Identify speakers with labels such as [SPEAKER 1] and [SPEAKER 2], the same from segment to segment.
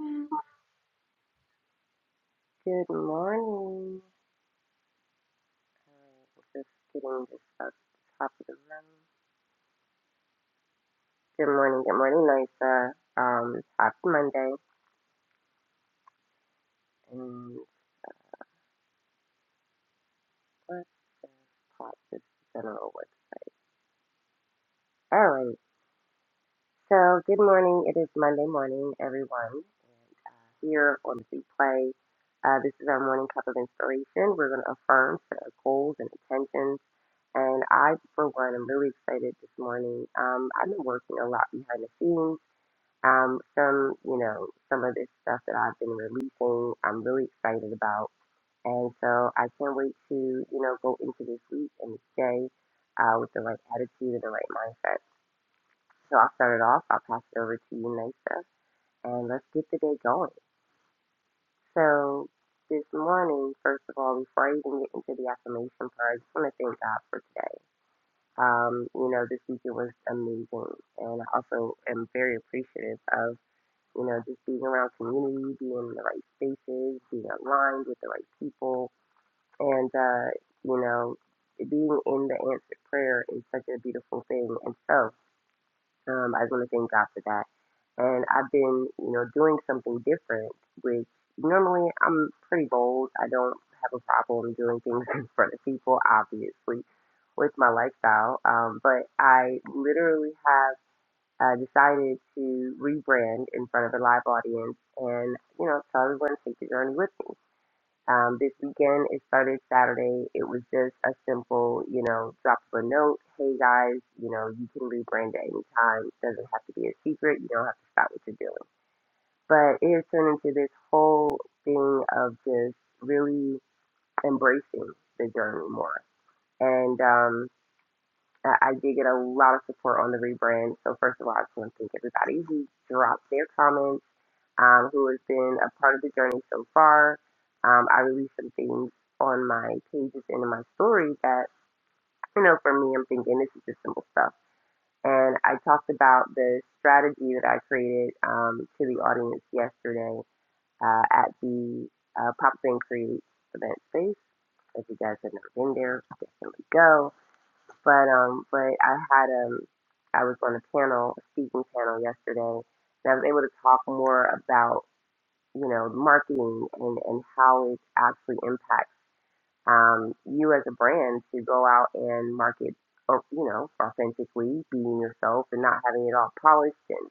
[SPEAKER 1] Mm.
[SPEAKER 2] Good morning. Just getting this up top of the room. Good morning, good morning, Noisa. Um, happy Monday. And let's pop this general website. All right. So, good morning. It is Monday morning, everyone. Here on the replay, uh, this is our morning cup of inspiration. We're going to affirm set our goals and intentions. And I, for one, am really excited this morning. Um, I've been working a lot behind the scenes Um, some, you know, some of this stuff that I've been releasing, I'm really excited about. And so I can't wait to, you know, go into this week and this day uh, with the right attitude and the right mindset. So I'll start it off. I'll pass it over to you, Nisa, and let's get the day going. So this morning, first of all, before I even get into the affirmation part, I just want to thank God for today. Um, you know, this weekend was amazing, and I also am very appreciative of you know, just being around community, being in the right spaces, being aligned with the right people, and uh, you know, being in the answered prayer is such a beautiful thing. And so, um, I want to thank God for that. And I've been, you know, doing something different, which normally I'm pretty bold. I don't have a problem doing things in front of people, obviously, with my lifestyle. Um, but I literally have uh, decided to rebrand in front of a live audience and, you know, tell everyone to take the journey with me. Um, this weekend, it started Saturday. It was just a simple, you know, drop of a note. Hey guys, you know, you can rebrand at any time. It doesn't have to be a secret. You don't have to stop what you're doing. But it has turned into this whole thing of just really embracing the journey more. And, um, I did get a lot of support on the rebrand. So first of all, I just want to thank everybody who dropped their comments, um, who has been a part of the journey so far. Um, I released some things on my pages and in my story that, you know, for me, I'm thinking this is just simple stuff. And I talked about the strategy that I created um, to the audience yesterday uh, at the uh, Pop Up and Create event space. If you guys have never been there, definitely go. But um, but I had um, I was on a panel, a speaking panel yesterday, and I was able to talk more about you know marketing and and how it actually impacts um you as a brand to go out and market, or you know, authentically being yourself and not having it all polished. And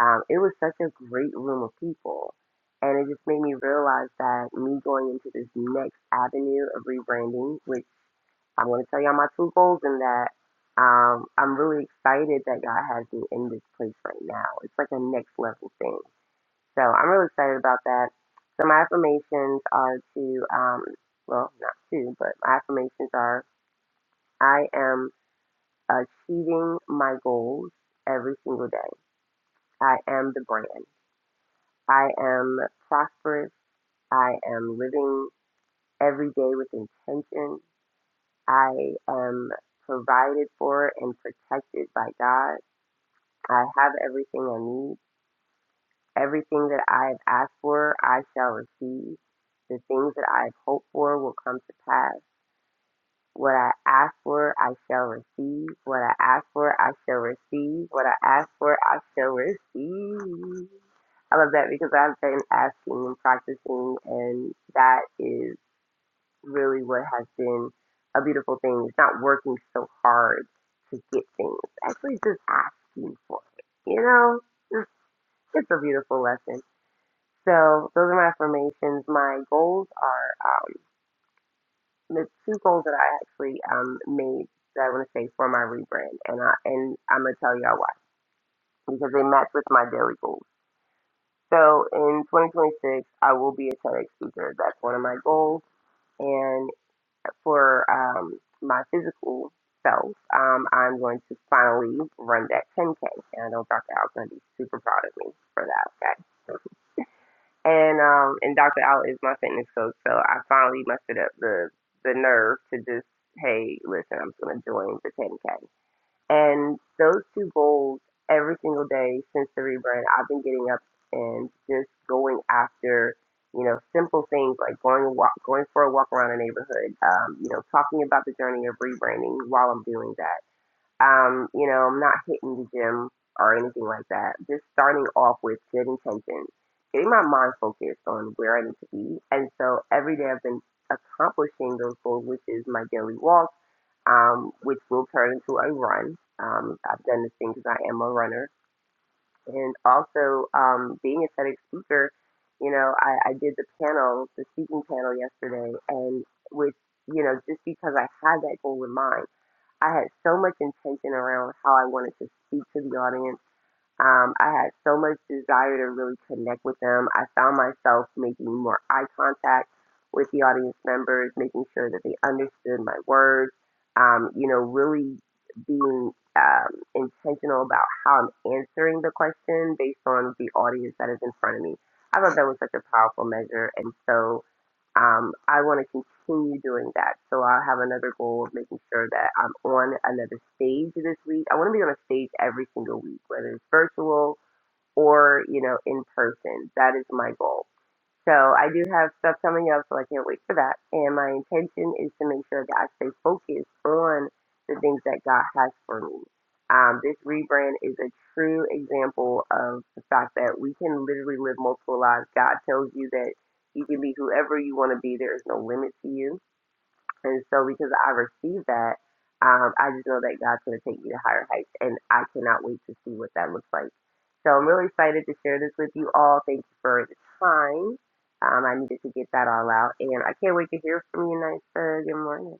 [SPEAKER 2] um, it was such a great room of people. And it just made me realize that me going into this next avenue of rebranding, which I'm going to tell y'all my two goals in that. Um, I'm really excited that God has me in this place right now. It's like a next level thing. So I'm really excited about that. So my affirmations are to, um, well, not to, but my affirmations are I am achieving my goals every single day. I am the brand. I am prosperous. I am living every day with intention. I am provided for and protected by God. I have everything I need. Everything that I have asked for, I shall receive. The things that I have hoped for will come to pass. What I ask for, I shall receive. What I ask for, I shall receive. What I ask for, I shall receive. I love that because I've been asking and practicing, and that is really what has been a beautiful thing is not working so hard to get things, actually just asking for it. You know, it's a beautiful lesson. So those are my affirmations. My goals are um, the two goals that I actually um, made that I want to say for my rebrand, and I and I'm gonna tell y'all why because they match with my daily goals. So in 2026, I will be a TEDx speaker. That's one of my goals and for um, my physical self, um, I'm going to finally run that 10K. And I know Dr. Al's going to be super proud of me for that. Okay. And um, and Dr. Al is my fitness coach, so I finally mustered up the the nerve to just, hey, listen, I'm just going to join the 10K. And those two goals, every single day since the rebrand, I've been getting up and just going after, you know, simple things like going a walk, going for a walk around a neighborhood, um, you know, talking about the journey of rebranding while I'm doing that um, you know, I'm not hitting the gym or anything like that. Just starting off with good intentions, getting my mind focused on where I need to be. And so every day I've been accomplishing those goals, which is my daily walk, um, which will turn into a run. Um, I've done this thing because I am a runner. And also, um, being a TEDx speaker, you know, I, I did the panel, the speaking panel yesterday, and with, you know, just because I had that goal in mind I had so much intention around how I wanted to speak to the audience. Um, I had so much desire to really connect with them. I found myself making more eye contact with the audience members, making sure that they understood my words, um, you know, really being um, intentional about how I'm answering the question based on the audience that is in front of me. I thought that was such a powerful measure. And so, um, I want to continue doing that. So I'll have another goal of making sure that I'm on another stage this week. I want to be on a stage every single week, whether it's virtual or you know in person. That is my goal. So I do have stuff coming up, so I can't wait for that. And my intention is to make sure that I stay focused on the things that God has for me. Um, this rebrand is a true example of the fact that we can literally live multiple lives. God tells you that you can be whoever you want to be. There is no limit to you and so because I received that, um, I just know that God's going to take me to higher heights, and I cannot wait to see what that looks like. So I'm really excited to share this with you all. Thank you for the time. Um, I needed to get that all out, and I can't wait to hear from you, nice Good morning.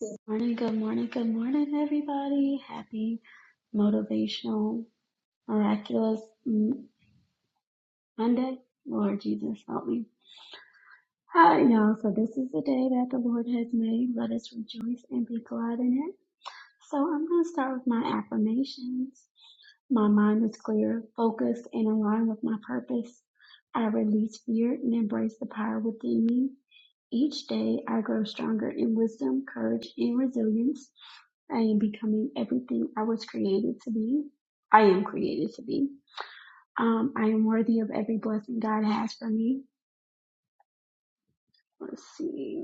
[SPEAKER 1] Good morning, good morning, good morning, everybody. Happy motivational, miraculous mm, Monday. Lord Jesus, help me. Hi, y'all. So this is the day that the Lord has made. Let us rejoice and be glad in it. So I'm going to start with my affirmations. My mind is clear, focused, and aligned with my purpose. I release fear and embrace the power within me. Each day, I grow stronger in wisdom, courage, and resilience. I am becoming everything I was created to be. I am created to be. Um, I am worthy of every blessing God has for me. Let's see.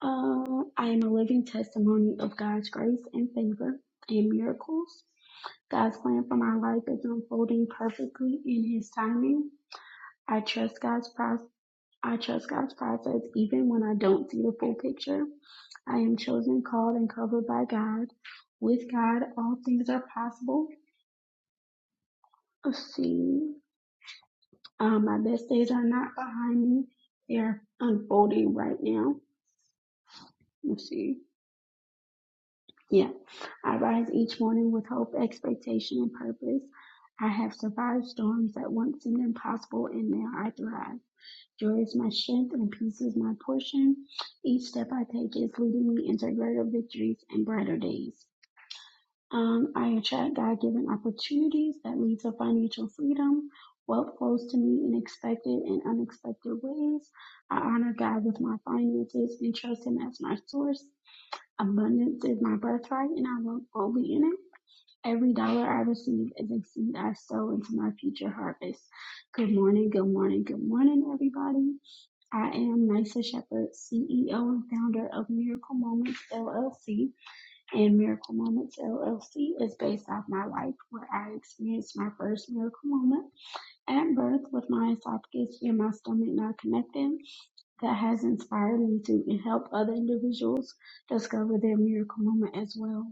[SPEAKER 1] Uh, I am a living testimony of God's grace and favor and miracles. God's plan for my life is unfolding perfectly in His timing. I trust God's process. I trust God's process even when I don't see the full picture. I am chosen, called, and covered by God. With God, all things are possible. Let's see. Um, my best days are not behind me. They are unfolding right now. Let's see. Yeah. I rise each morning with hope, expectation, and purpose. I have survived storms that once seemed impossible, and now I thrive. Joy is my strength, and peace is my portion. Each step I take is leading me into greater victories and brighter days. Um, I attract God-given opportunities that lead to financial freedom. Wealth flows to me in expected and unexpected ways. I honor God with my finances and trust Him as my source. Abundance is my birthright, and I walk boldly in it. Every dollar I receive is a seed I sow into my future harvest. Good morning, good morning, good morning, everybody. I am Nysa Shepherd, CEO and founder of Miracle Moments LLC. And Miracle Moments LLC is based off my life where I experienced my first miracle moment at birth with my esophagus and my stomach not connected that has inspired me to help other individuals discover their miracle moment as well.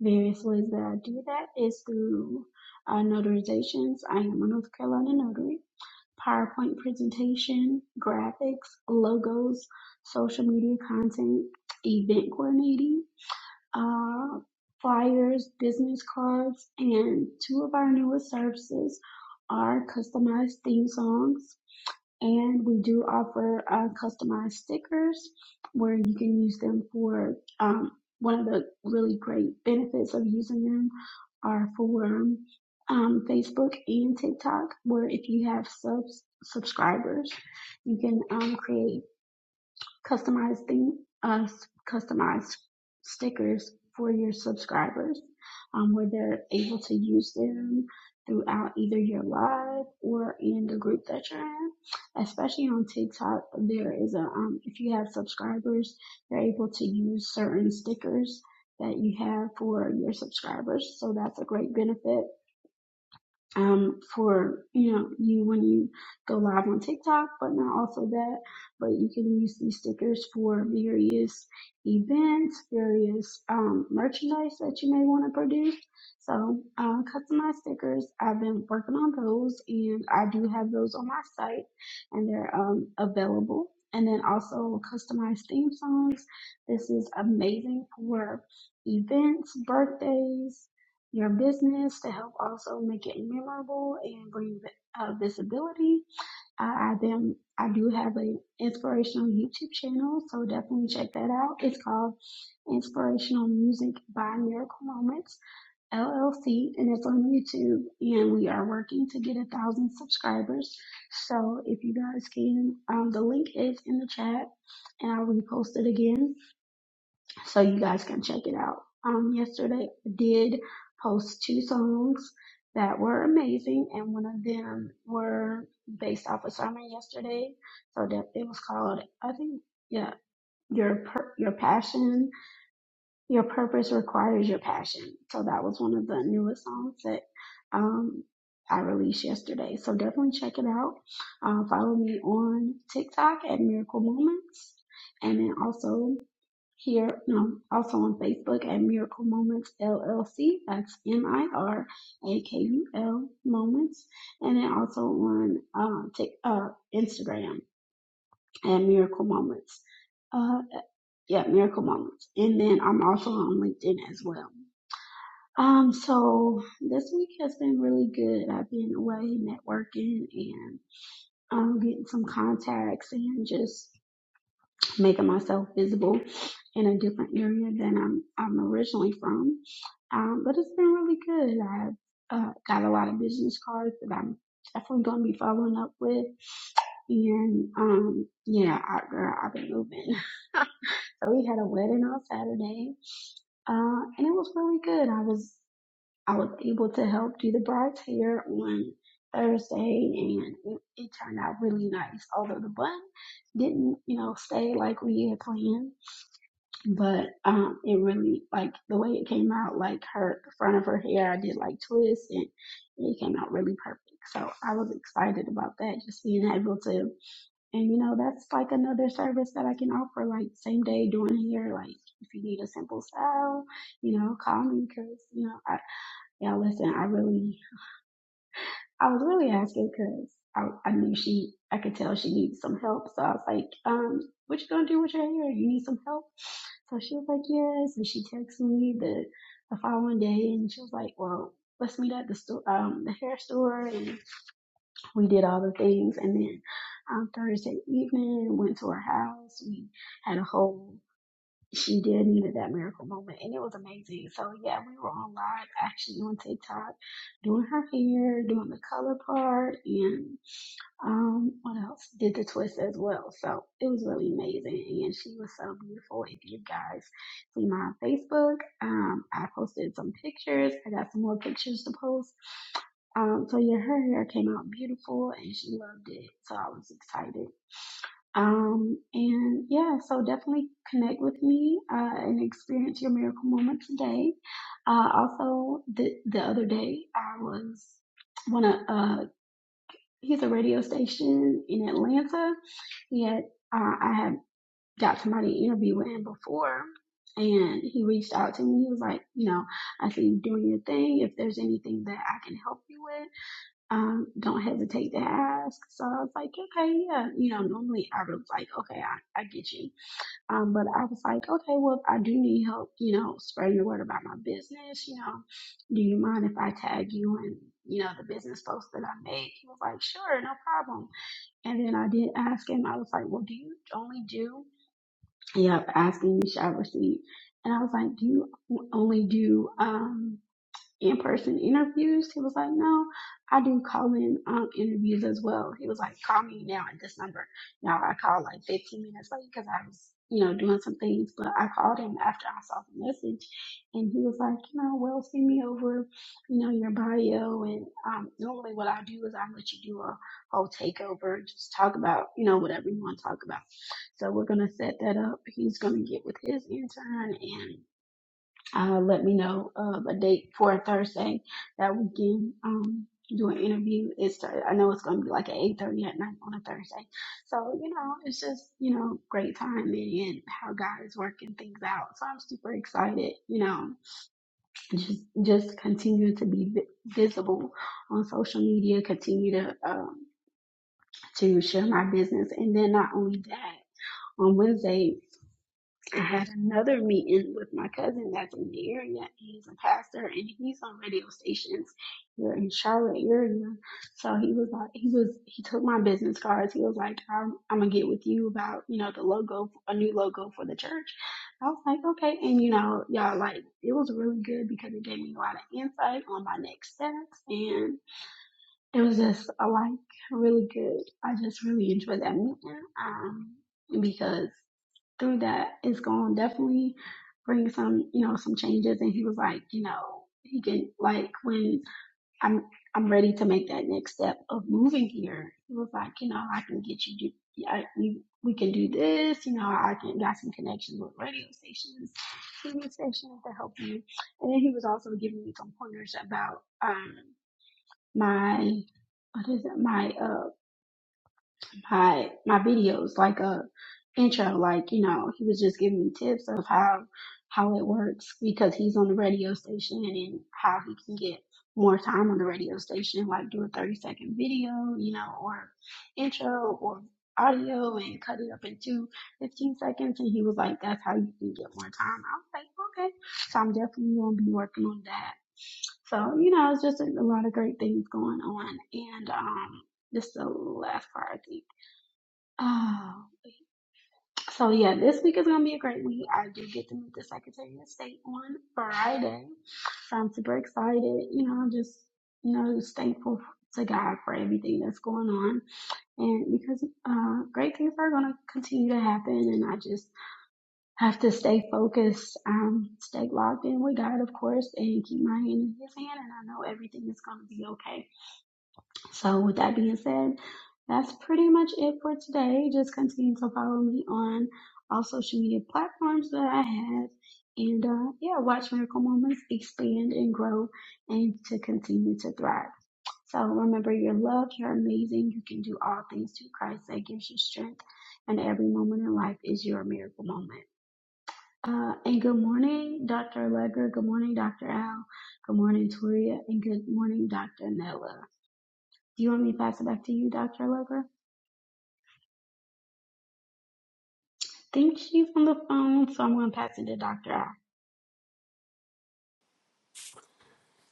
[SPEAKER 1] Various ways that I do that is through uh, notarizations. I am a North Carolina notary. PowerPoint presentation, graphics, logos, social media content, event coordinating, uh, flyers, business cards, and two of our newest services are customized theme songs and we do offer uh, customized stickers where you can use them for um, one of the really great benefits of using them are for um, Facebook and TikTok, where if you have subs subscribers, you can um, create customizing uh, customized stickers for your subscribers um, where they're able to use them throughout either your live or in the group that you're in especially on tiktok there is a um, if you have subscribers you're able to use certain stickers that you have for your subscribers so that's a great benefit um, for you know you when you go live on TikTok, but not also that. But you can use these stickers for various events, various um, merchandise that you may want to produce. So uh, customized stickers, I've been working on those, and I do have those on my site, and they're um, available. And then also customized theme songs. This is amazing for events, birthdays, your business to help also make it memorable and bring vi- uh, visibility. I, I them I do have an inspirational YouTube channel, so definitely check that out. It's called Inspirational Music by Miracle Moments LLC, and it's on YouTube. And we are working to get a thousand subscribers. So if you guys can, um, the link is in the chat, and I'll repost it again so you guys can check it out. Um, yesterday I did post two songs that were amazing, and one of them were based off a sermon yesterday. So that it was called, I think, yeah, your per- your passion, your purpose requires your passion. So that was one of the newest songs that um I released yesterday. So definitely check it out. Uh, follow me on TikTok at Miracle Moments, and then also here, um, also on Facebook at Miracle Moments LLC. That's M I R A K U L Moments, and then also on uh, Tik uh, Instagram at Miracle Moments. Uh, yeah, Miracle Moments, and then I'm also on LinkedIn as well. Um, so this week has been really good. I've been away networking and um, getting some contacts and just making myself visible in a different area than I'm I'm originally from. Um, but it's been really good. I've uh, got a lot of business cards that I'm definitely going to be following up with. And um, yeah, I, girl, I've been moving. So we had a wedding on Saturday, uh, and it was really good. I was I was able to help do the bride's hair on Thursday, and it, it turned out really nice. Although the bun didn't, you know, stay like we had planned but um it really like the way it came out like her the front of her hair i did like twists and it came out really perfect so i was excited about that just being able to and you know that's like another service that i can offer like same day doing hair like if you need a simple style you know call me because you know i yeah listen i really I was really asking because I, I knew she, I could tell she needed some help. So I was like, um, what you gonna do with your hair? You need some help? So she was like, yes. And she texted me the, the following day and she was like, well, let's meet at the store, um, the hair store. And we did all the things. And then um, Thursday evening, went to her house. We had a whole she did needed that miracle moment and it was amazing. So yeah, we were on live actually on TikTok doing her hair, doing the color part and um what else? Did the twist as well. So it was really amazing and she was so beautiful. If you guys see my Facebook, um I posted some pictures. I got some more pictures to post. Um so yeah her hair came out beautiful and she loved it. So I was excited. Um, and yeah, so definitely connect with me uh, and experience your miracle moment today. Uh, also, the the other day I was one of uh, he's a radio station in Atlanta. Yet uh, I had got somebody to interview with him before, and he reached out to me. He was like, you know, I see you doing your thing. If there's anything that I can help you with um, don't hesitate to ask. So I was like, okay, yeah. You know, normally I was like, okay, I, I get you. Um, but I was like, okay, well, if I do need help, you know, spreading the word about my business, you know, do you mind if I tag you in, you know, the business post that I make? He was like, sure, no problem. And then I did ask him, I was like, well, do you only do, yep, asking you shall receive. And I was like, do you only do, um, in-person interviews. He was like, no, I do call-in um, interviews as well. He was like, call me now at this number. Now I called like 15 minutes late because I was, you know, doing some things, but I called him after I saw the message and he was like, you know, well, send me over, you know, your bio. And um, normally what I do is I let you do a whole takeover and just talk about, you know, whatever you want to talk about. So we're going to set that up. He's going to get with his intern and uh, let me know of a date for a Thursday that we can um, do an interview. It's I know it's going to be like at eight thirty at night on a Thursday, so you know it's just you know great timing and how God is working things out. So I'm super excited. You know, just just continue to be vi- visible on social media. Continue to um, to share my business, and then not only that. On Wednesday, I had another meeting with my cousin that's in the area. He's a pastor and he's on radio stations here in Charlotte area. So he was like, he was, he took my business cards. He was like, I'm, I'm gonna get with you about, you know, the logo, a new logo for the church. I was like, okay. And you know, y'all like, it was really good because it gave me a lot of insight on my next steps and it was just uh, like really good. I just really enjoyed that meeting. Um, because through that it's going to definitely bring some, you know, some changes. And he was like, you know, he can like when I'm I'm ready to make that next step of moving here. He was like, you know, I can get you do. yeah, I we we can do this. You know, I can got some connections with radio stations, TV stations to help you. And then he was also giving me some pointers about um my what is it my uh my my videos like a intro like you know he was just giving me tips of how how it works because he's on the radio station and how he can get more time on the radio station like do a 30 second video you know or intro or audio and cut it up into 15 seconds and he was like that's how you can get more time i was like okay so i'm definitely going to be working on that so, you know, it's just a, a lot of great things going on. And um, this is the last part. I think. Oh, so yeah, this week is gonna be a great week. I do get to meet the Secretary of State on Friday, so I'm super excited. You know, I'm just you know just thankful to God for everything that's going on, and because uh, great things are gonna continue to happen, and I just have to stay focused, um, stay locked in with God, of course, and keep my hand in His hand, and I know everything is gonna be okay so, with that being said, that's pretty much it for today. Just continue to follow me on all social media platforms that I have. And uh, yeah, watch Miracle Moments expand and grow and to continue to thrive. So remember, you're loved, you're amazing, you can do all things through Christ that gives you strength. And every moment in life is your miracle moment. Uh, and good morning, Dr. Legger. Good morning, Dr. Al. Good morning, Toria. And good morning, Dr. Nella. Do you want me to pass it back to you, Dr. Allegra? I think she's on the phone, so I'm going to pass it to Dr. Al.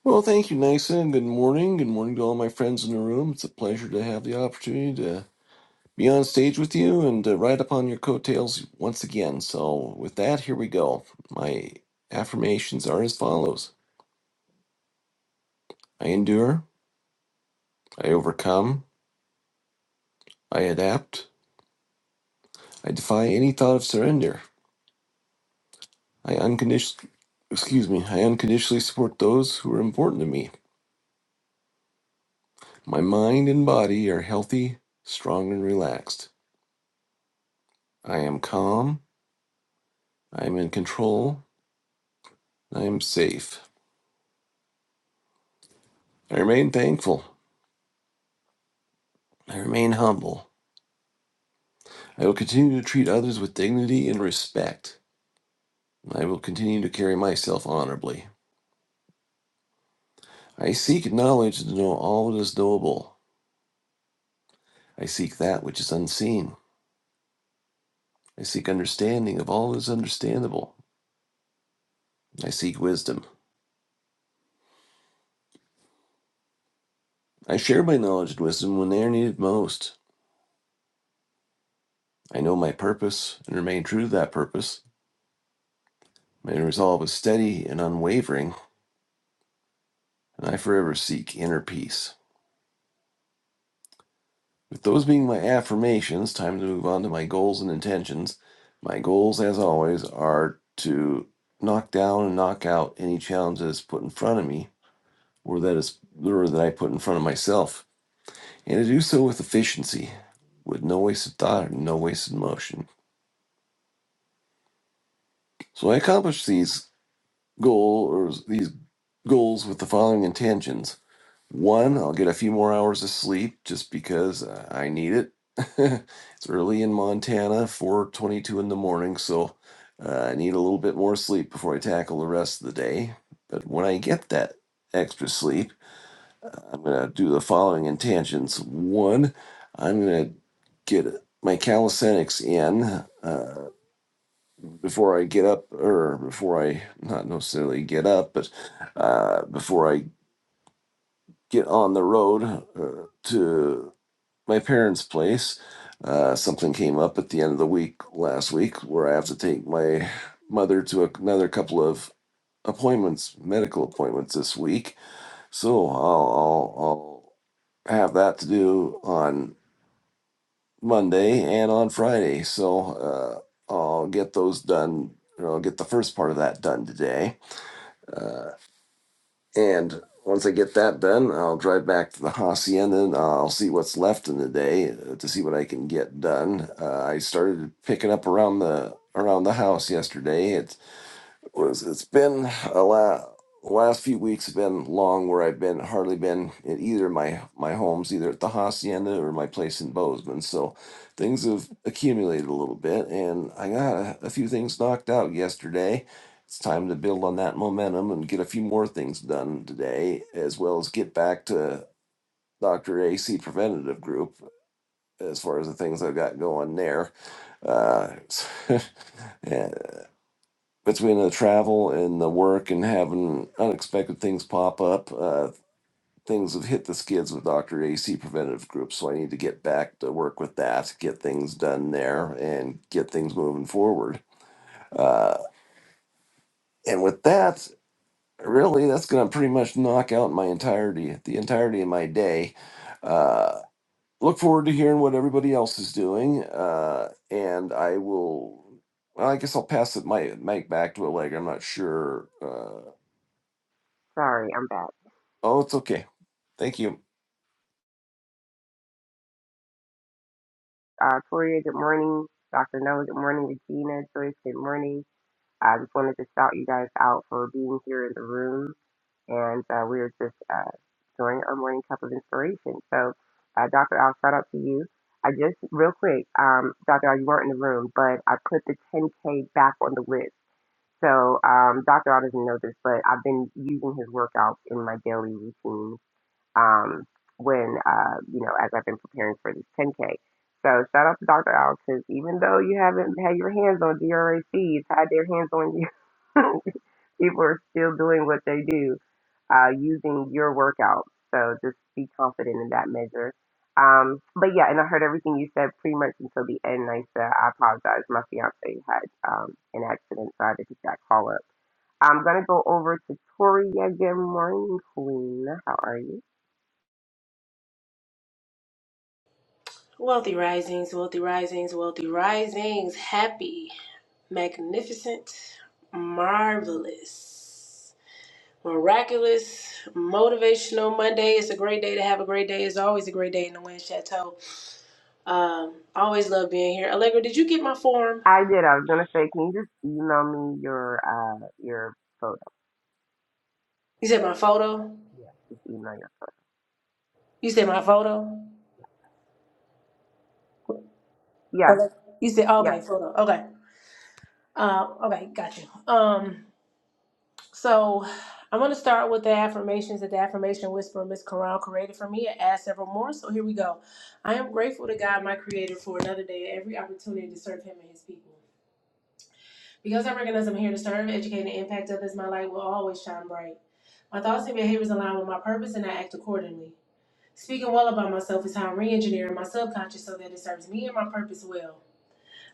[SPEAKER 3] Well, thank you, Nysa. Good morning. Good morning to all my friends in the room. It's a pleasure to have the opportunity to be on stage with you and to ride upon your coattails once again. So, with that, here we go. My affirmations are as follows I endure, I overcome, I adapt, I defy any thought of surrender. I unconditionally excuse me, I unconditionally support those who are important to me. My mind and body are healthy, strong and relaxed. I am calm, I am in control, I am safe. I remain thankful. I remain humble. I will continue to treat others with dignity and respect. I will continue to carry myself honorably. I seek knowledge to know all that is knowable. I seek that which is unseen. I seek understanding of all that is understandable. I seek wisdom. I share my knowledge and wisdom when they are needed most. I know my purpose and remain true to that purpose. My resolve is steady and unwavering, and I forever seek inner peace. With those being my affirmations, time to move on to my goals and intentions. My goals, as always, are to knock down and knock out any challenge that is put in front of me or that is or that I put in front of myself, and to do so with efficiency, with no wasted thought and no wasted motion. So I accomplish these goal or these goals with the following intentions. One, I'll get a few more hours of sleep just because uh, I need it. It's early in Montana, 4:22 in the morning, so uh, I need a little bit more sleep before I tackle the rest of the day. But when I get that extra sleep, I'm going to do the following intentions. One, I'm going to get my calisthenics in uh, before I get up, or before I not necessarily get up, but uh, before I get on the road uh, to my parents' place. Uh, something came up at the end of the week last week where I have to take my mother to a, another couple of appointments, medical appointments this week. So I'll, I'll, I'll have that to do on Monday and on Friday. So uh, I'll get those done. Or I'll get the first part of that done today And once I get that done, I'll drive back to the hacienda and I'll see what's left in the day uh, to see what I can get done. Uh, I started picking up around the around the house yesterday. It's was it's been a la last few weeks have been long where I've been hardly been in either of my my homes, either at the hacienda or my place in Bozeman. So things have accumulated a little bit, and I got a, a few things knocked out yesterday. It's time to build on that momentum and get a few more things done today, as well as get back to Dr. AC Preventative Group as far as the things I've got going there. Uh, yeah between the travel and the work and having unexpected things pop up, uh, things have hit the skids with Dr. AC Preventative Group. So I need to get back to work with that, get things done there, and get things moving forward. Uh, and with that, really, that's going to pretty much knock out my entirety, the entirety of my day. Uh, look forward to hearing what everybody else is doing. Uh, and I will. Well, I guess I'll pass it my mic back to Allegra. I'm not sure. Uh,
[SPEAKER 2] Sorry, I'm back.
[SPEAKER 3] Oh, it's okay. Thank you.
[SPEAKER 2] Uh, Toria, good morning. Dr. Noah, good morning. Regina, Joyce, good morning. I just wanted to shout you guys out for being here in the room and uh, we are just uh, doing our morning cup of inspiration. So, uh, Dr. Al, shout out to you. I just, real quick, um, Dr. Al, you weren't in the room, but I put the 10K back on the list. So, um, Dr. Al doesn't know this, but I've been using his workouts in my daily routine um, when, uh, you know, as I've been preparing for this 10K. So, shout out to Dr. Al, because even though you haven't had your hands on DRAC, it's had their hands on you. people are still doing what they do uh, using your workouts. So just be confident in that measure. Um, but yeah, and I heard everything you said pretty much until the end. I said I apologize. My fiance had um, an accident, so I had to take that call up. I'm gonna go over to Toria. Good morning, Queen. How are you?
[SPEAKER 4] Wealthy risings, wealthy risings, wealthy risings. Happy, magnificent, marvelous, miraculous, motivational Monday. It's a great day to have a great day. It's always a great day in the Wind Chateau. Um, I always love being here. Allegra, did you get my form?
[SPEAKER 2] I did. I was gonna say, can you just email me your uh your photo?
[SPEAKER 4] You said my photo.
[SPEAKER 2] Yeah, just email your.
[SPEAKER 4] You said my photo.
[SPEAKER 2] Yeah,
[SPEAKER 4] Allegra. You said
[SPEAKER 2] yeah.
[SPEAKER 4] okay, photo. Okay. Uh, okay, got you. Um, So I'm going to start with the affirmations that the affirmation whisperer, Miss Corral, created for me I add several more. So here we go. I am grateful to God, my creator, for another day and every opportunity to serve him and his people. Because I recognize I'm here to serve, educate, and impact others, my light will always shine bright. My thoughts and behaviors align with my purpose and I act accordingly. Speaking well about myself is how I'm re engineering my subconscious so that it serves me and my purpose well.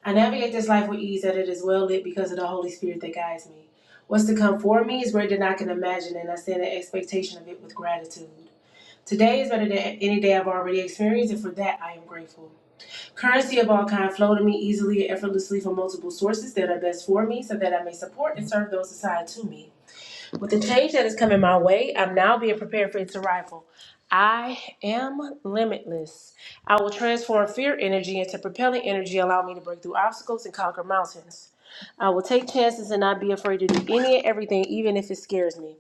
[SPEAKER 4] I navigate this life with ease that it is well lit because of the Holy Spirit that guides me. What's to come for me is greater than I can imagine, and I stand in expectation of it with gratitude. Today is better than any day I've already experienced, and for that I am grateful. Currency of all kind flow to me easily and effortlessly from multiple sources that are best for me, so that I may support and serve those assigned to me. With the change that is coming my way, I'm now being prepared for its arrival. I am limitless. I will transform fear energy into propelling energy, allow me to break through obstacles and conquer mountains. I will take chances and not be afraid to do any and everything, even if it scares me.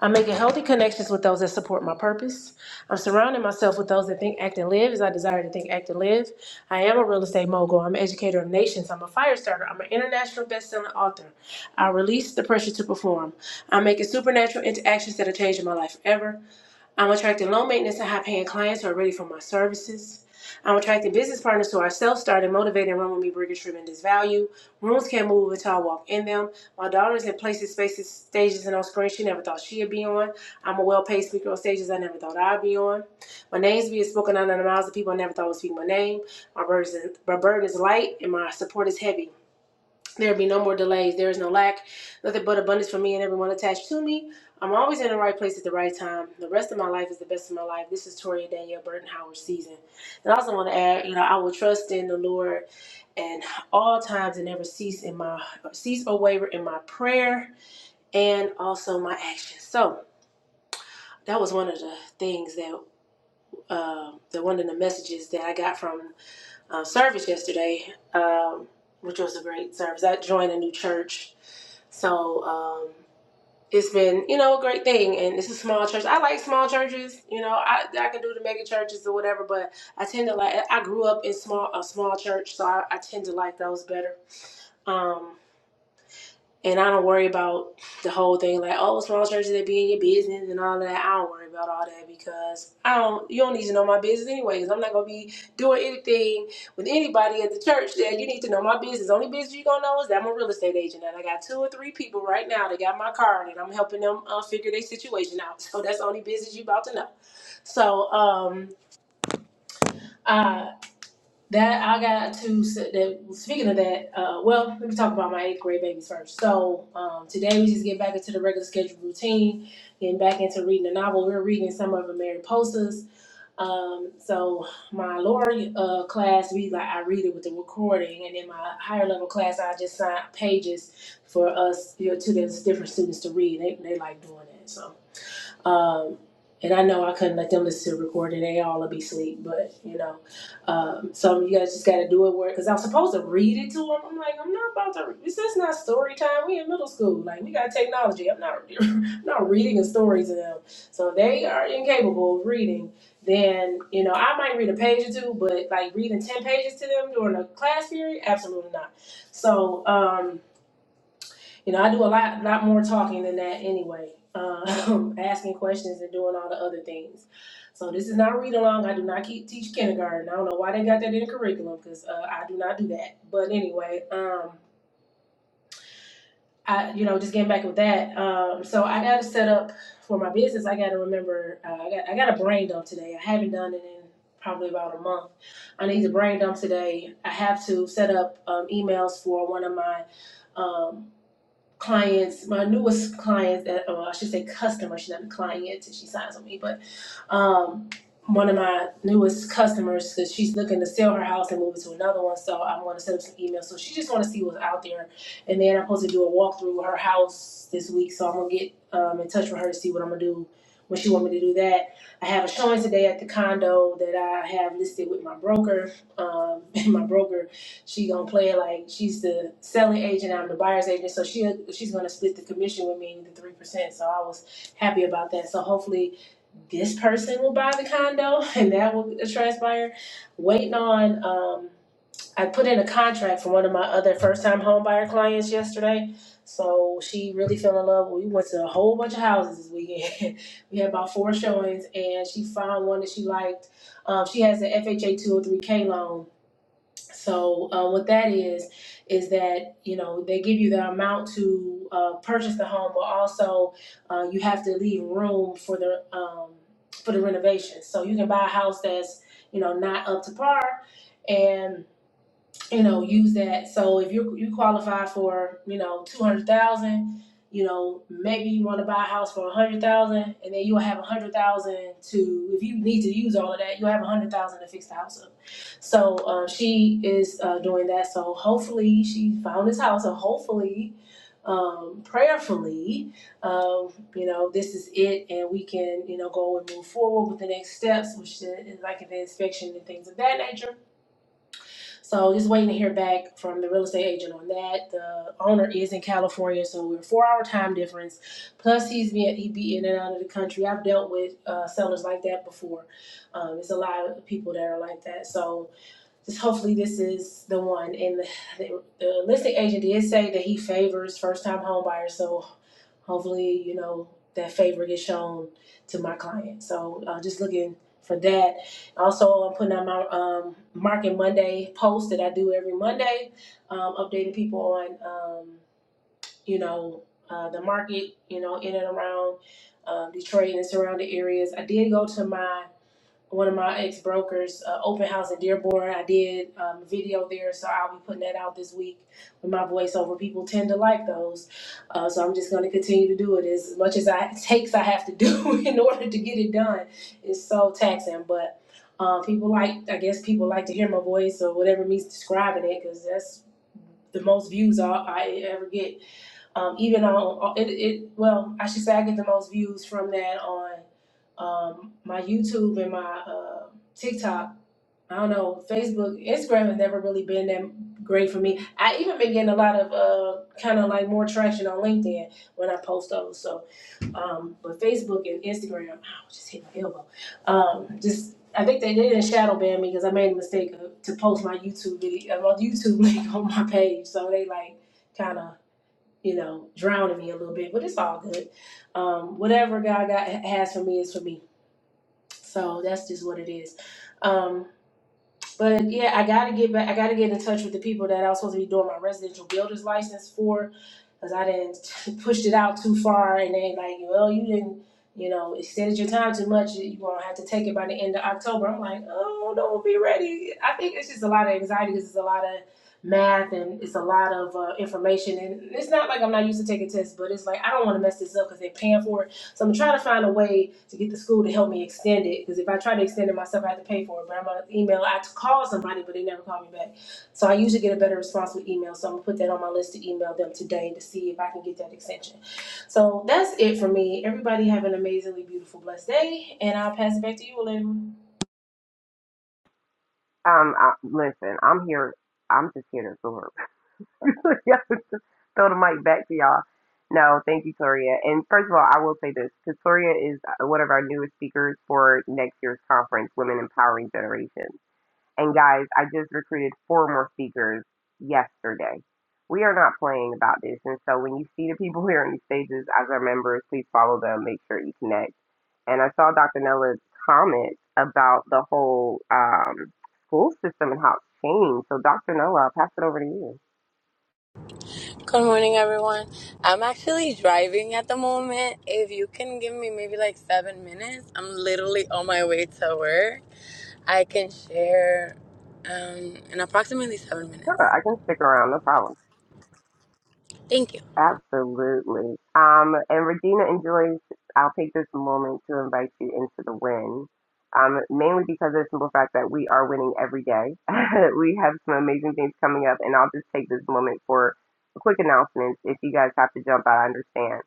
[SPEAKER 4] I'm making healthy connections with those that support my purpose. I'm surrounding myself with those that think, act, and live as I desire to think, act, and live. I am a real estate mogul. I'm an educator of nations. I'm a fire starter. I'm an international best-selling author. I release the pressure to perform. I'm making supernatural interactions that are changing my life forever. I'm attracting low maintenance and high paying clients who are ready for my services. I'm attracting business partners who are self started, motivated, and run with me, bringing tremendous value. Rooms can't move until I walk in them. My daughter's in places, spaces, stages, and on screens she never thought she'd be on. I'm a well paid speaker on stages I never thought I'd be on. My name's being spoken out of the mouths of people I never thought would speak my name. My burden is, my burden is light and my support is heavy. There be no more delays. There is no lack, nothing but abundance for me and everyone attached to me. I'm always in the right place at the right time. The rest of my life is the best of my life. This is Toria Danielle Burton Howard season. And I also want to add, you know, I will trust in the Lord and all times and never cease in my cease or waver in my prayer and also my actions. So that was one of the things that um, the one of the messages that I got from uh, service yesterday, um, which was a great service. I joined a new church, so um, it's been you know a great thing. And it's a small church. I like small churches. You know, I, I can do the mega churches or whatever, but I tend to like. I grew up in small a small church, so I, I tend to like those better. Um, and I don't worry about the whole thing like, oh, small churches that be in your business and all that. I don't worry about all that because I don't. You don't need to know my business anyways. I'm not gonna be doing anything with anybody at the church that you need to know my business. Only business you gonna know is that I'm a real estate agent and I got two or three people right now that got my card and I'm helping them uh, figure their situation out. So that's the only business you about to know. So um uh, that I got to. That speaking of that, uh, well, let me talk about my eighth grade babies first. So um, today we just get back into the regular scheduled routine, getting back into reading a novel. We're reading some of Mary Posters. Um, so my lower uh, class, we like I read it with the recording, and then my higher level class, I just sign pages for us you know, to the different students to read. They they like doing that. So. Um, and I know I couldn't let them listen to the recording; they all would be asleep. But you know, um, some of you guys just got to do it work. Cause I was supposed to read it to them. I'm like, I'm not about to. This is not story time. We in middle school. Like we got technology. I'm not, I'm not reading a story to them. So if they are incapable of reading. Then you know I might read a page or two, but like reading ten pages to them during a class period, absolutely not. So. um you know, I do a lot, lot more talking than that anyway. Um, asking questions and doing all the other things. So this is not read along. I do not keep, teach kindergarten. I don't know why they got that in the curriculum because uh, I do not do that. But anyway, um, I you know just getting back with that. Um, so I got to set up for my business. I got to remember. Uh, I got I got a brain dump today. I haven't done it in probably about a month. I need to brain dump today. I have to set up um, emails for one of my um, clients, my newest clients, that, or I should say customers, she's not a client, and she signs with me, but um, one of my newest customers because she's looking to sell her house and move it to another one. So I'm going to send her some emails. So she just want to see what's out there. And then I'm supposed to do a walkthrough of her house this week. So I'm going to get um, in touch with her to see what I'm going to do when she want me to do that. I have a showing today at the condo that I have listed with my broker. Um, and my broker, she going to play it like she's the selling agent. I'm the buyer's agent. So she she's going to split the commission with me, the 3%. So I was happy about that. So hopefully this person will buy the condo and that will transpire. Waiting on, um, I put in a contract for one of my other first time home buyer clients yesterday. So she really fell in love. We went to a whole bunch of houses this weekend. we had about four showings and she found one that she liked. Um, she has an FHA 203K loan so uh, what that is is that you know they give you the amount to uh, purchase the home, but also uh, you have to leave room for the um, for the renovation. So you can buy a house that's you know not up to par, and you know, use that. So if you you qualify for, you know, two hundred thousand, you know, maybe you want to buy a house for a hundred thousand, and then you'll have a hundred thousand to if you need to use all of that, you'll have a hundred thousand to fix the house up. So uh, she is uh, doing that. So hopefully she found this house, and hopefully, um, prayerfully, um, you know, this is it, and we can you know go and move forward with the next steps, which is like an inspection and things of that nature so just waiting to hear back from the real estate agent on that. The owner is in California, so we're four hour time difference. Plus he's been he be in and out of the country. I've dealt with uh, sellers like that before. Um, it's a lot of people that are like that. So just hopefully this is the one. And the, the, the listing agent did say that he favors first time home buyers, so hopefully you know that favor gets shown to my client. So uh, just looking for that. Also, I'm putting out my um, Market Monday post that I do every Monday, um, updating people on um, you know uh, the market, you know in and around um, Detroit and surrounding areas. I did go to my one of my ex brokers, uh, open house in Dearborn. I did um, a video there, so I'll be putting that out this week with my voiceover. People tend to like those, uh, so I'm just going to continue to do it as much as I takes I have to do in order to get it done. It's so taxing, but uh, people like I guess people like to hear my voice or whatever means describing it because that's the most views I, I ever get um, even on it, it well i should say i get the most views from that on um, my youtube and my uh, tiktok i don't know facebook instagram has never really been that great for me i even been getting a lot of uh, kind of like more traction on linkedin when i post those so um, but facebook and instagram ow, just hit my elbow um, just I think they they didn't shadow ban me because I made a mistake of- to post my YouTube video, uh, my YouTube link on my page. So they like kind of you know, drowning me a little bit, but it's all good. Um, whatever God got has for me is for me. So that's just what it is. Um, but yeah, I gotta get back. I gotta get in touch with the people that I was supposed to be doing my residential builder's license for, because I didn't pushed it out too far, and they like, well, you didn't, you know, extended your time too much. You're gonna have to take it by the end of October. I'm like, oh, don't be ready. I think it's just a lot of anxiety because it's a lot of math and it's a lot of uh, information, and it's not like I'm not used to taking tests, but it's like I don't want to mess this up because they're paying for it so I'm trying to find a way to get the school to help me extend it because if I try to extend it myself, I have to pay for it. But I'm gonna email. I had to call somebody, but they never call me back. So I usually get a better response with email. So I'm gonna put that on my list to email them today to see if I can get that extension. So that's it for me. Everybody have an amazingly beautiful, blessed day, and I'll pass it back to you, Olivia.
[SPEAKER 2] Um, I, listen, I'm here. I'm just here to absorb. Y'all just Throw the mic back to y'all. No, thank you, Toria. And first of all, I will say this because Toria is uh, one of our newest speakers for next year's conference, Women Empowering Generations. And guys, I just recruited four more speakers yesterday. We are not playing about this. And so when you see the people here on these stages as our members, please follow them, make sure you connect. And I saw Dr. Nella's comment about the whole um, school system and how it's changed. So, Dr. Nella, I'll pass it over to you.
[SPEAKER 5] Good morning, everyone. I'm actually driving at the moment. If you can give me maybe like seven minutes, I'm literally on my way to work. I can share um, in approximately seven
[SPEAKER 2] Sure,
[SPEAKER 5] minutes.
[SPEAKER 2] I can stick around, no problem.
[SPEAKER 5] Thank you.
[SPEAKER 2] Absolutely. Um, and Regina enjoys, I'll take this moment to invite you into the win. Um, mainly because of the simple fact that we are winning every day. we have some amazing things coming up, and I'll just take this moment for a quick announcement. If you guys have to jump, I understand.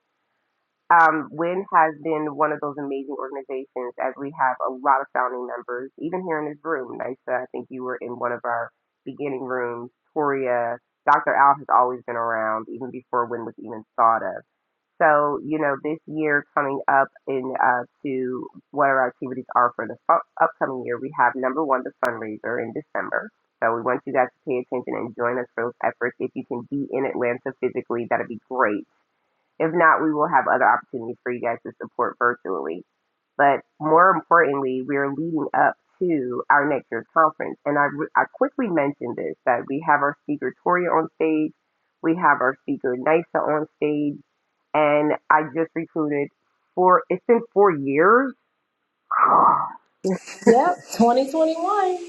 [SPEAKER 2] Um, WIN has been one of those amazing organizations as we have a lot of founding members, even here in this room. Nysa, I think you were in one of our beginning rooms. Toria, Dr. Al has always been around, even before WIN was even thought of. So, you know, this year coming up in uh, to what our activities are for the fu- upcoming year, we have number one, the fundraiser in December. So we want you guys to pay attention and join us for those efforts. If you can be in Atlanta physically, that'd be great if not, we will have other opportunities for you guys to support virtually. But more importantly, we are leading up to our next year's conference. And I, I quickly mentioned this that we have our speaker Toria on stage, we have our speaker Nisa on stage, and I just recruited for it's been four years.
[SPEAKER 4] Yep, 2021.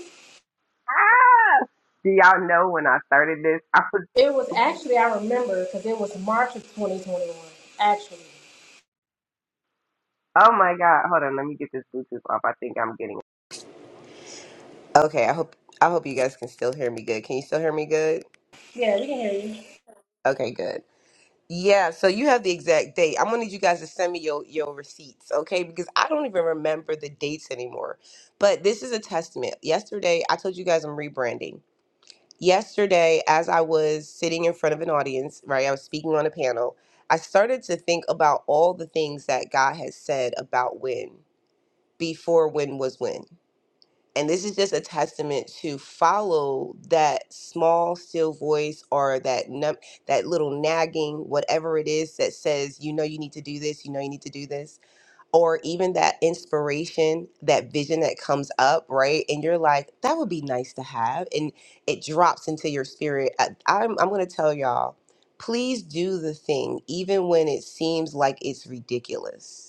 [SPEAKER 2] Do y'all know when I started this? I was,
[SPEAKER 4] It was
[SPEAKER 2] oh
[SPEAKER 4] actually, I remember, because it was March of 2021, actually.
[SPEAKER 2] my God, hold on, let me get this Bluetooth off. I think I'm getting Okay, I hope I hope you guys can still hear me good. Can you still hear me good?
[SPEAKER 4] Yeah, we can hear you.
[SPEAKER 2] Okay, good. Yeah, so you have the exact date. I'm gonna need you guys to send me your your receipts, okay? Because I don't even remember the dates anymore. But this is a testament. Yesterday, I told you guys I'm rebranding. Yesterday, as I was sitting in front of an audience, right, I was speaking on a panel. I started to think about all the things that God has said about when before when was when. and this is just a testament to follow that small still voice or that num- that little nagging whatever it is that says you know you need to do this you know you need to do this or even that inspiration that vision that comes up right and you're like that would be nice to have and it drops into your spirit I, i'm, I'm going to tell y'all please do the thing even when it seems like it's ridiculous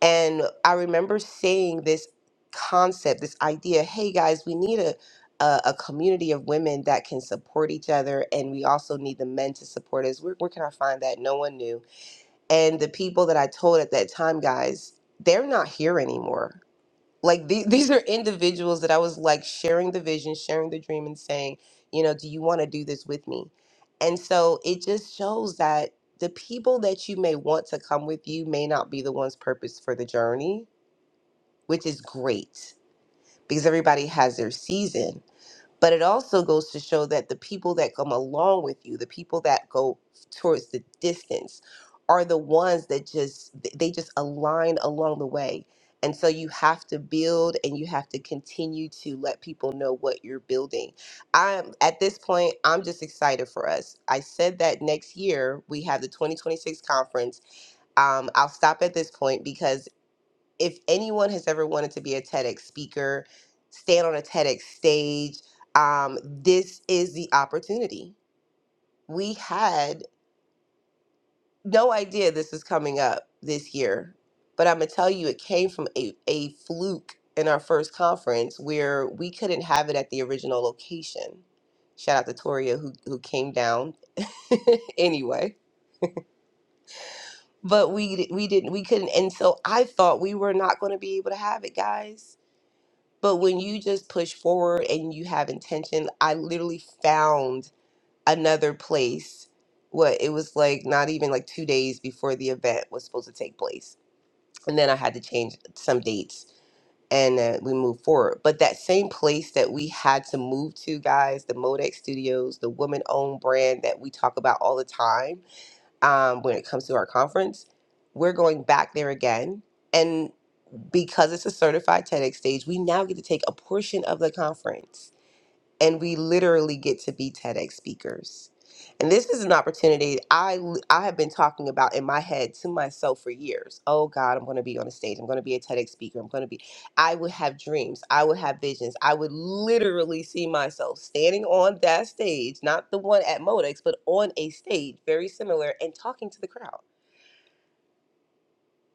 [SPEAKER 2] and I remember seeing this concept, this idea hey guys, we need a, a, a community of women that can support each other. And we also need the men to support us. Where, where can I find that? No one knew. And the people that I told at that time, guys, they're not here anymore. Like the, these are individuals that I was like sharing the vision, sharing the dream, and saying, you know, do you want to do this with me? And so it just shows that the people that you may want to come with you may not be the ones purpose for the journey which is great because everybody has their season. But it also goes to show that the people that come along with you, the people that go towards the distance, are the ones that just they just align along the way. And so you have to build and you have to continue to let people know what you're building. I'm at this point, I'm just excited for us. I said that next year we have the 2026 conference. Um, I'll stop at this point because if anyone has ever wanted to be a TEDx speaker, stand on a TEDx stage, um, this is the opportunity. We had no idea this was coming up this year, but I'm gonna tell you, it came from a, a fluke in our first conference where we couldn't have it at the original location. Shout out to Toria who, who came down anyway. But we di- we didn't we couldn't and so I thought we were not going to be able to have it, guys But when you just push forward and you have intention, I literally found another place. What it was like, not even like two days before the event was supposed to take place. And then I had to change some dates and uh, we moved forward. But that same place that we had to move to, guys, the Modex Studios, the woman owned brand that we talk about all the time um, when it comes to our conference, we're going back there again because it's a certified TEDx stage, we now get to take a portion of the conference and we literally get to be TEDx speakers. And this is an opportunity I I have been talking about in my head to myself for years. Oh God, I'm going to be on a stage. I'm going to be a TEDx speaker. I'm going to be. I would have dreams. I would have visions. I would literally see myself standing on that stage, not the one at Modex, but on a stage very similar, and talking to the crowd.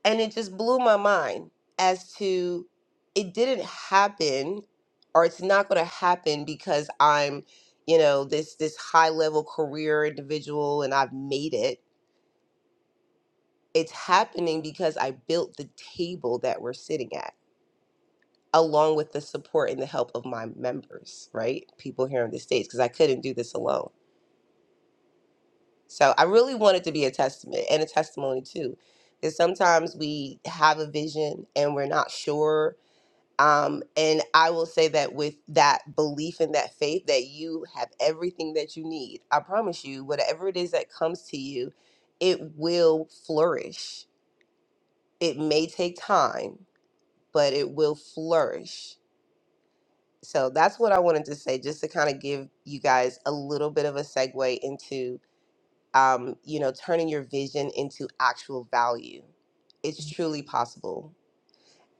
[SPEAKER 2] And it just blew my mind as to it didn't happen or it's not going to happen because I'm, you know, this this high level career individual and I've made it. It's happening because I built the table that we're sitting at along with the support and the help of my members, right? People here in the states because I couldn't do this alone. So I really wanted to be a testament and a testimony too. Because sometimes we have a vision and we're not sure Um, and I will say that with that belief and that faith that you have everything that you need, I promise you, whatever it is that comes to you, it will flourish. It may take time, but it will flourish. So that's what I wanted to say, just to kind of give you guys a little bit of a segue into, um, you know, turning your vision into actual value. It's truly possible.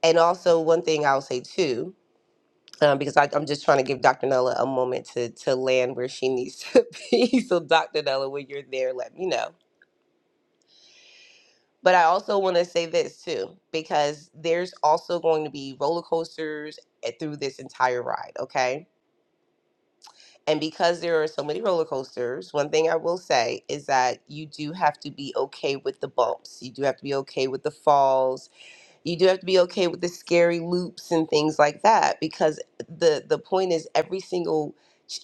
[SPEAKER 2] And also, one thing I'll say too um, because I, I'm just trying to give Dr. Nella a moment to to land where she needs to be. So, Dr. Nella, when you're there, let me know. But I also want to say this too, because there's also going to be roller coasters at- through this entire ride, okay? And because there are so many roller coasters, one thing I will say is that you do have to be okay with the bumps. You do have to be okay with the falls you do have to be okay with the scary loops and things like that because the the point is every single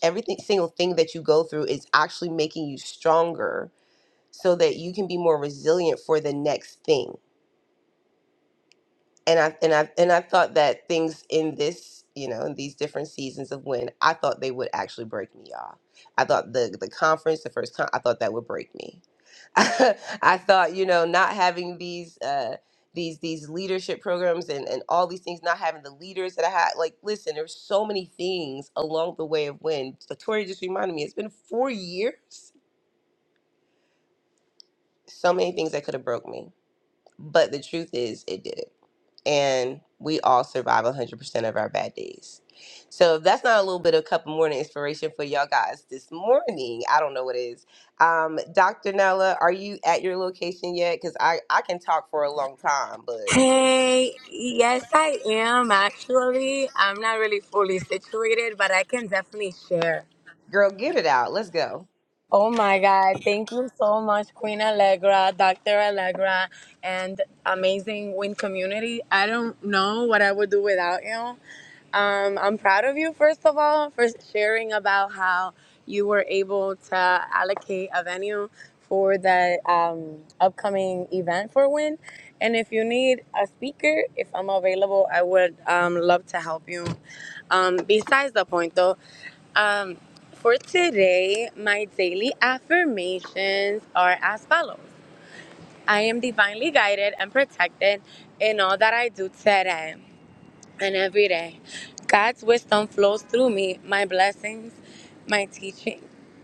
[SPEAKER 2] everything single thing that you go through is actually making you stronger so that you can be more resilient for the next thing and i and i and i thought that things in this you know in these different seasons of when i thought they would actually break me y'all. i thought the the conference the first con- i thought that would break me I thought, you know, not having these uh these these leadership programs and and all these things, not having the leaders that I had. Like, listen, there's so many things along the way of when so Tori just reminded me, it's been four years. So many things that could have broke me but the truth is, it didn't. And we all survive 100% of our bad days. So if that's not a little bit of cup of morning inspiration for y'all guys this morning, I don't know what is. Um, Dr. Nella, are you at your location yet? Because I, I can talk for a long time, but
[SPEAKER 5] Hey, yes, I am actually. I'm not really fully situated, but I can definitely share.
[SPEAKER 2] girl, get it out. Let's go.
[SPEAKER 5] Oh my God, thank you so much, Queen Allegra, Dr. Allegra, and amazing Win community. I don't know what I would do without you. Um, I'm proud of you, first of all, for sharing about how you were able to allocate a venue for the um, upcoming event for WIN. And if you need a speaker, if I'm available, I would um, love to help you. Um, besides the point, though, um, for today, my daily affirmations are as follows I am divinely guided and protected in all that I do today and every day. God's wisdom flows through me, my blessings, my teaching,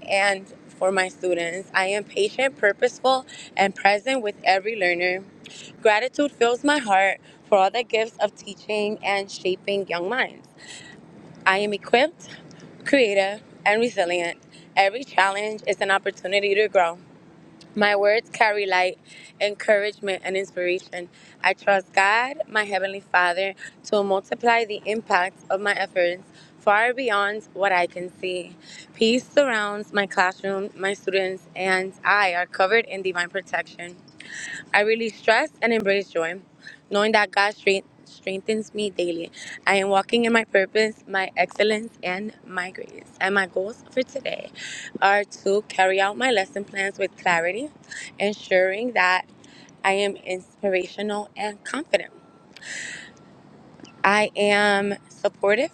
[SPEAKER 5] and for my students. I am patient, purposeful, and present with every learner. Gratitude fills my heart for all the gifts of teaching and shaping young minds. I am equipped, creative, and resilient. Every challenge is an opportunity to grow. My words carry light, encouragement, and inspiration. I trust God, my Heavenly Father, to multiply the impact of my efforts far beyond what I can see. Peace surrounds my classroom, my students, and I are covered in divine protection. I release stress and embrace joy, knowing that God strength, strengthens me daily. I am walking in my purpose, my excellence, and my grace. And my goals for today are to carry out my lesson plans with clarity, ensuring that I am inspirational and confident. I am supportive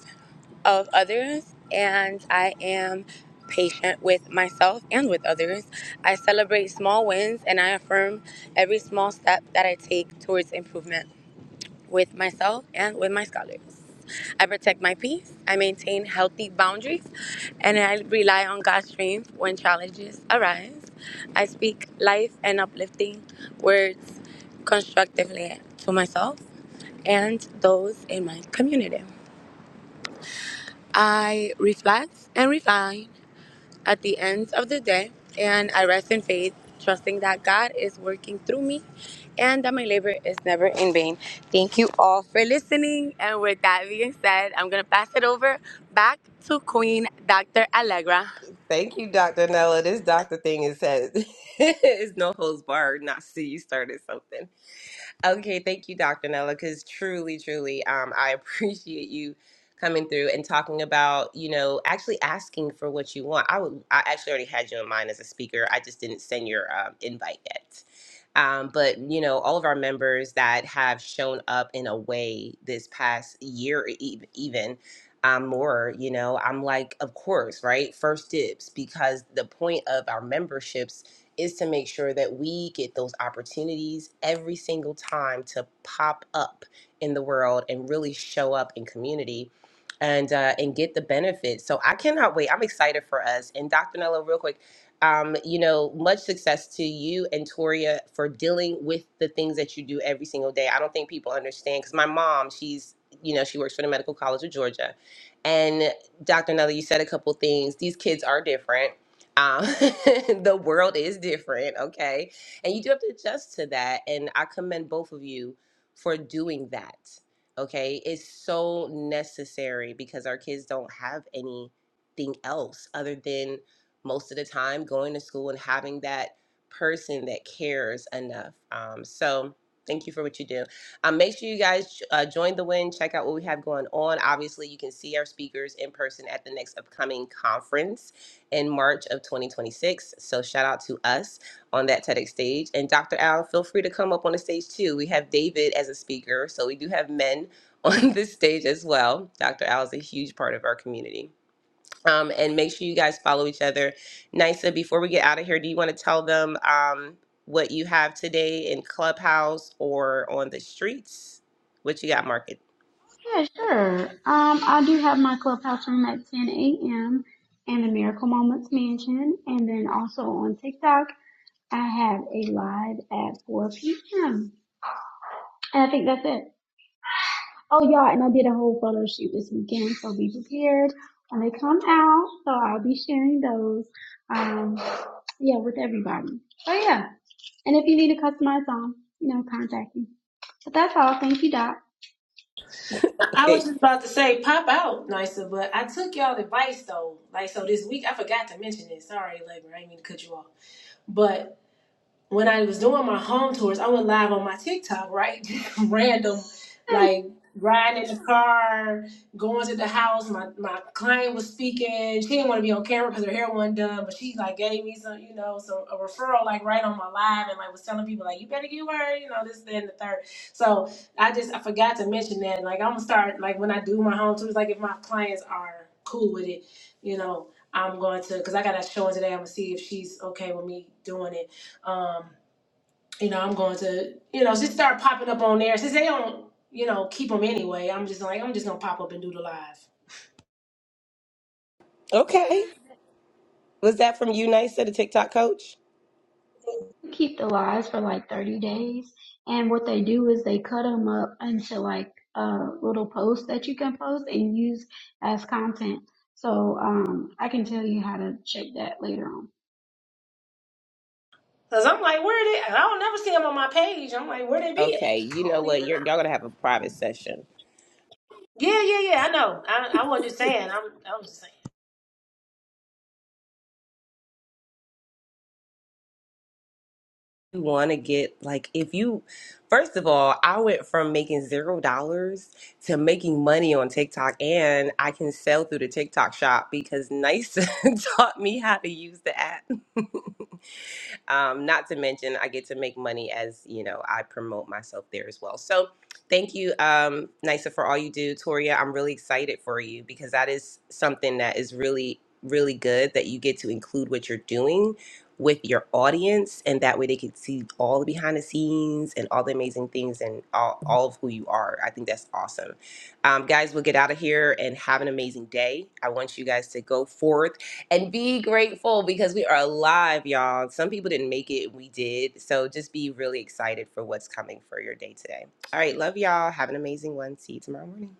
[SPEAKER 5] of others and I am patient with myself and with others. I celebrate small wins and I affirm every small step that I take towards improvement with myself and with my scholars. I protect my peace, I maintain healthy boundaries, and I rely on God's strength when challenges arise. I speak life and uplifting words constructively to myself and those in my community. I reflect and refine at the end of the day, and I rest in faith, trusting that God is working through me and that my labor is never in vain. Thank you all for listening. And with that being said, I'm going to pass it over back to Queen Dr. Allegra.
[SPEAKER 2] Thank you, Dr. Nella. This doctor thing is, is no holds barred, not see you started something. Okay, thank you, Dr. Nella, because truly, truly, um, I appreciate you coming through and talking about, you know, actually asking for what you want. I would, I actually already had you in mind as a speaker. I just didn't send your um, invite yet. Um, but you know, all of our members that have shown up in a way this past year, e- e, even um, more, you know, I'm like, of course, right? First dibs, because the point of our memberships is to make sure that we get those opportunities every single time to pop up in the world and really show up in community and uh, and get the benefits. So I cannot wait. I'm excited for us. And Dr. Nello, real quick, um, you know, much success to you and Toria for dealing with the things that you do every single day. I don't think people understand because my mom, she's you know, she works for the Medical College of Georgia. And Dr. Nello, you said a couple things. These kids are different um, the world is different, okay? And you do have to adjust to that. And I commend both of you for doing that, okay? It's so necessary because our kids don't have anything else other than most of the time going to school and having that person that cares enough. Um, so, thank you for what you do. Um, make sure you guys uh, join the win, check out what we have going on. Obviously, you can see our speakers in person at the next upcoming conference in March of 2026. So shout out to us on that TEDx stage. And Dr. Al, feel free to come up on the stage too. We have David as a speaker, so we do have men on this stage as well. Dr. Al is a huge part of our community. Um, and make sure you guys follow each other. Nisa, before we get out of here, do you want to tell them um, what you have today in Clubhouse or on the streets? What you got, Market?
[SPEAKER 1] Yeah, sure. Um, I do have my clubhouse room at 10 a.m. and the Miracle Moments Mansion. And then also on TikTok, I have a live at 4 p.m. And I think that's it. Oh, y'all, and I did a whole photo shoot this weekend, so be prepared when they come out. So I'll be sharing those, um, yeah, with everybody. So yeah, and if you need a customized song, you know, contact me. So that's all. Thank you, Doc.
[SPEAKER 4] I was
[SPEAKER 2] Okay.
[SPEAKER 4] just about to say pop out nicer, but I took y'all advice though. Like so this week I forgot to mention this. Sorry, Labor, I didn't mean to cut you off. But when I was doing my home tours, I went live on my TikTok, right? Random, like riding in the car, going to the house. My my client was speaking. She didn't want to be on camera because her hair wasn't done, but she like gave me some, you know, some a referral like right on my live and like was telling people like you better get her, you know, this, that, and the third. So I just I forgot to mention that. Like I'm gonna start like when I do my home tours, like if my clients are cool with it, you know, I'm going to because I got a showing today. I'm gonna see if she's okay with me doing it um, you know, I'm going to, you know, just start popping up on there since they don't, you know, keep them anyway. I'm just like, I'm just gonna pop up and do the live.
[SPEAKER 2] Okay. Was that from you, Nisa, the TikTok coach?
[SPEAKER 1] keep the lives for like 30 days. And what they do is they cut them up into like uh, little posts that you can post and use as content. So um, I can tell you how to check that later on.
[SPEAKER 4] Cause I'm like, where are they? I don't never see them on my page. I'm like, where they be
[SPEAKER 2] Okay.
[SPEAKER 4] at? I
[SPEAKER 2] You know
[SPEAKER 4] don't
[SPEAKER 2] what?
[SPEAKER 4] even
[SPEAKER 2] You're,
[SPEAKER 4] know.
[SPEAKER 2] y'all going to have a private session.
[SPEAKER 4] Yeah, yeah, yeah. I know. I, I wasn't just saying. I'm, I'm just saying.
[SPEAKER 2] you want to get like if you first of all i went from making zero dollars to making money on tiktok and i can sell through the tiktok shop because nice taught me how to use the app um, not to mention, I get to make money as you know I promote myself there as well. So, thank you, um, Nisa, for all you do, Toria. I'm really excited for you because that is something that is really, really good that you get to include what you're doing with your audience, and that way they can see all the behind the scenes and all the amazing things and all, all of who you are. I think that's awesome. Um, guys, we'll get out of here and have an amazing day. I want you guys to go forth and be grateful because we are alive, y'all. Some people didn't make it, we did. So just be really excited for what's coming for your day today. All right, love y'all. Have an amazing one. See you tomorrow morning.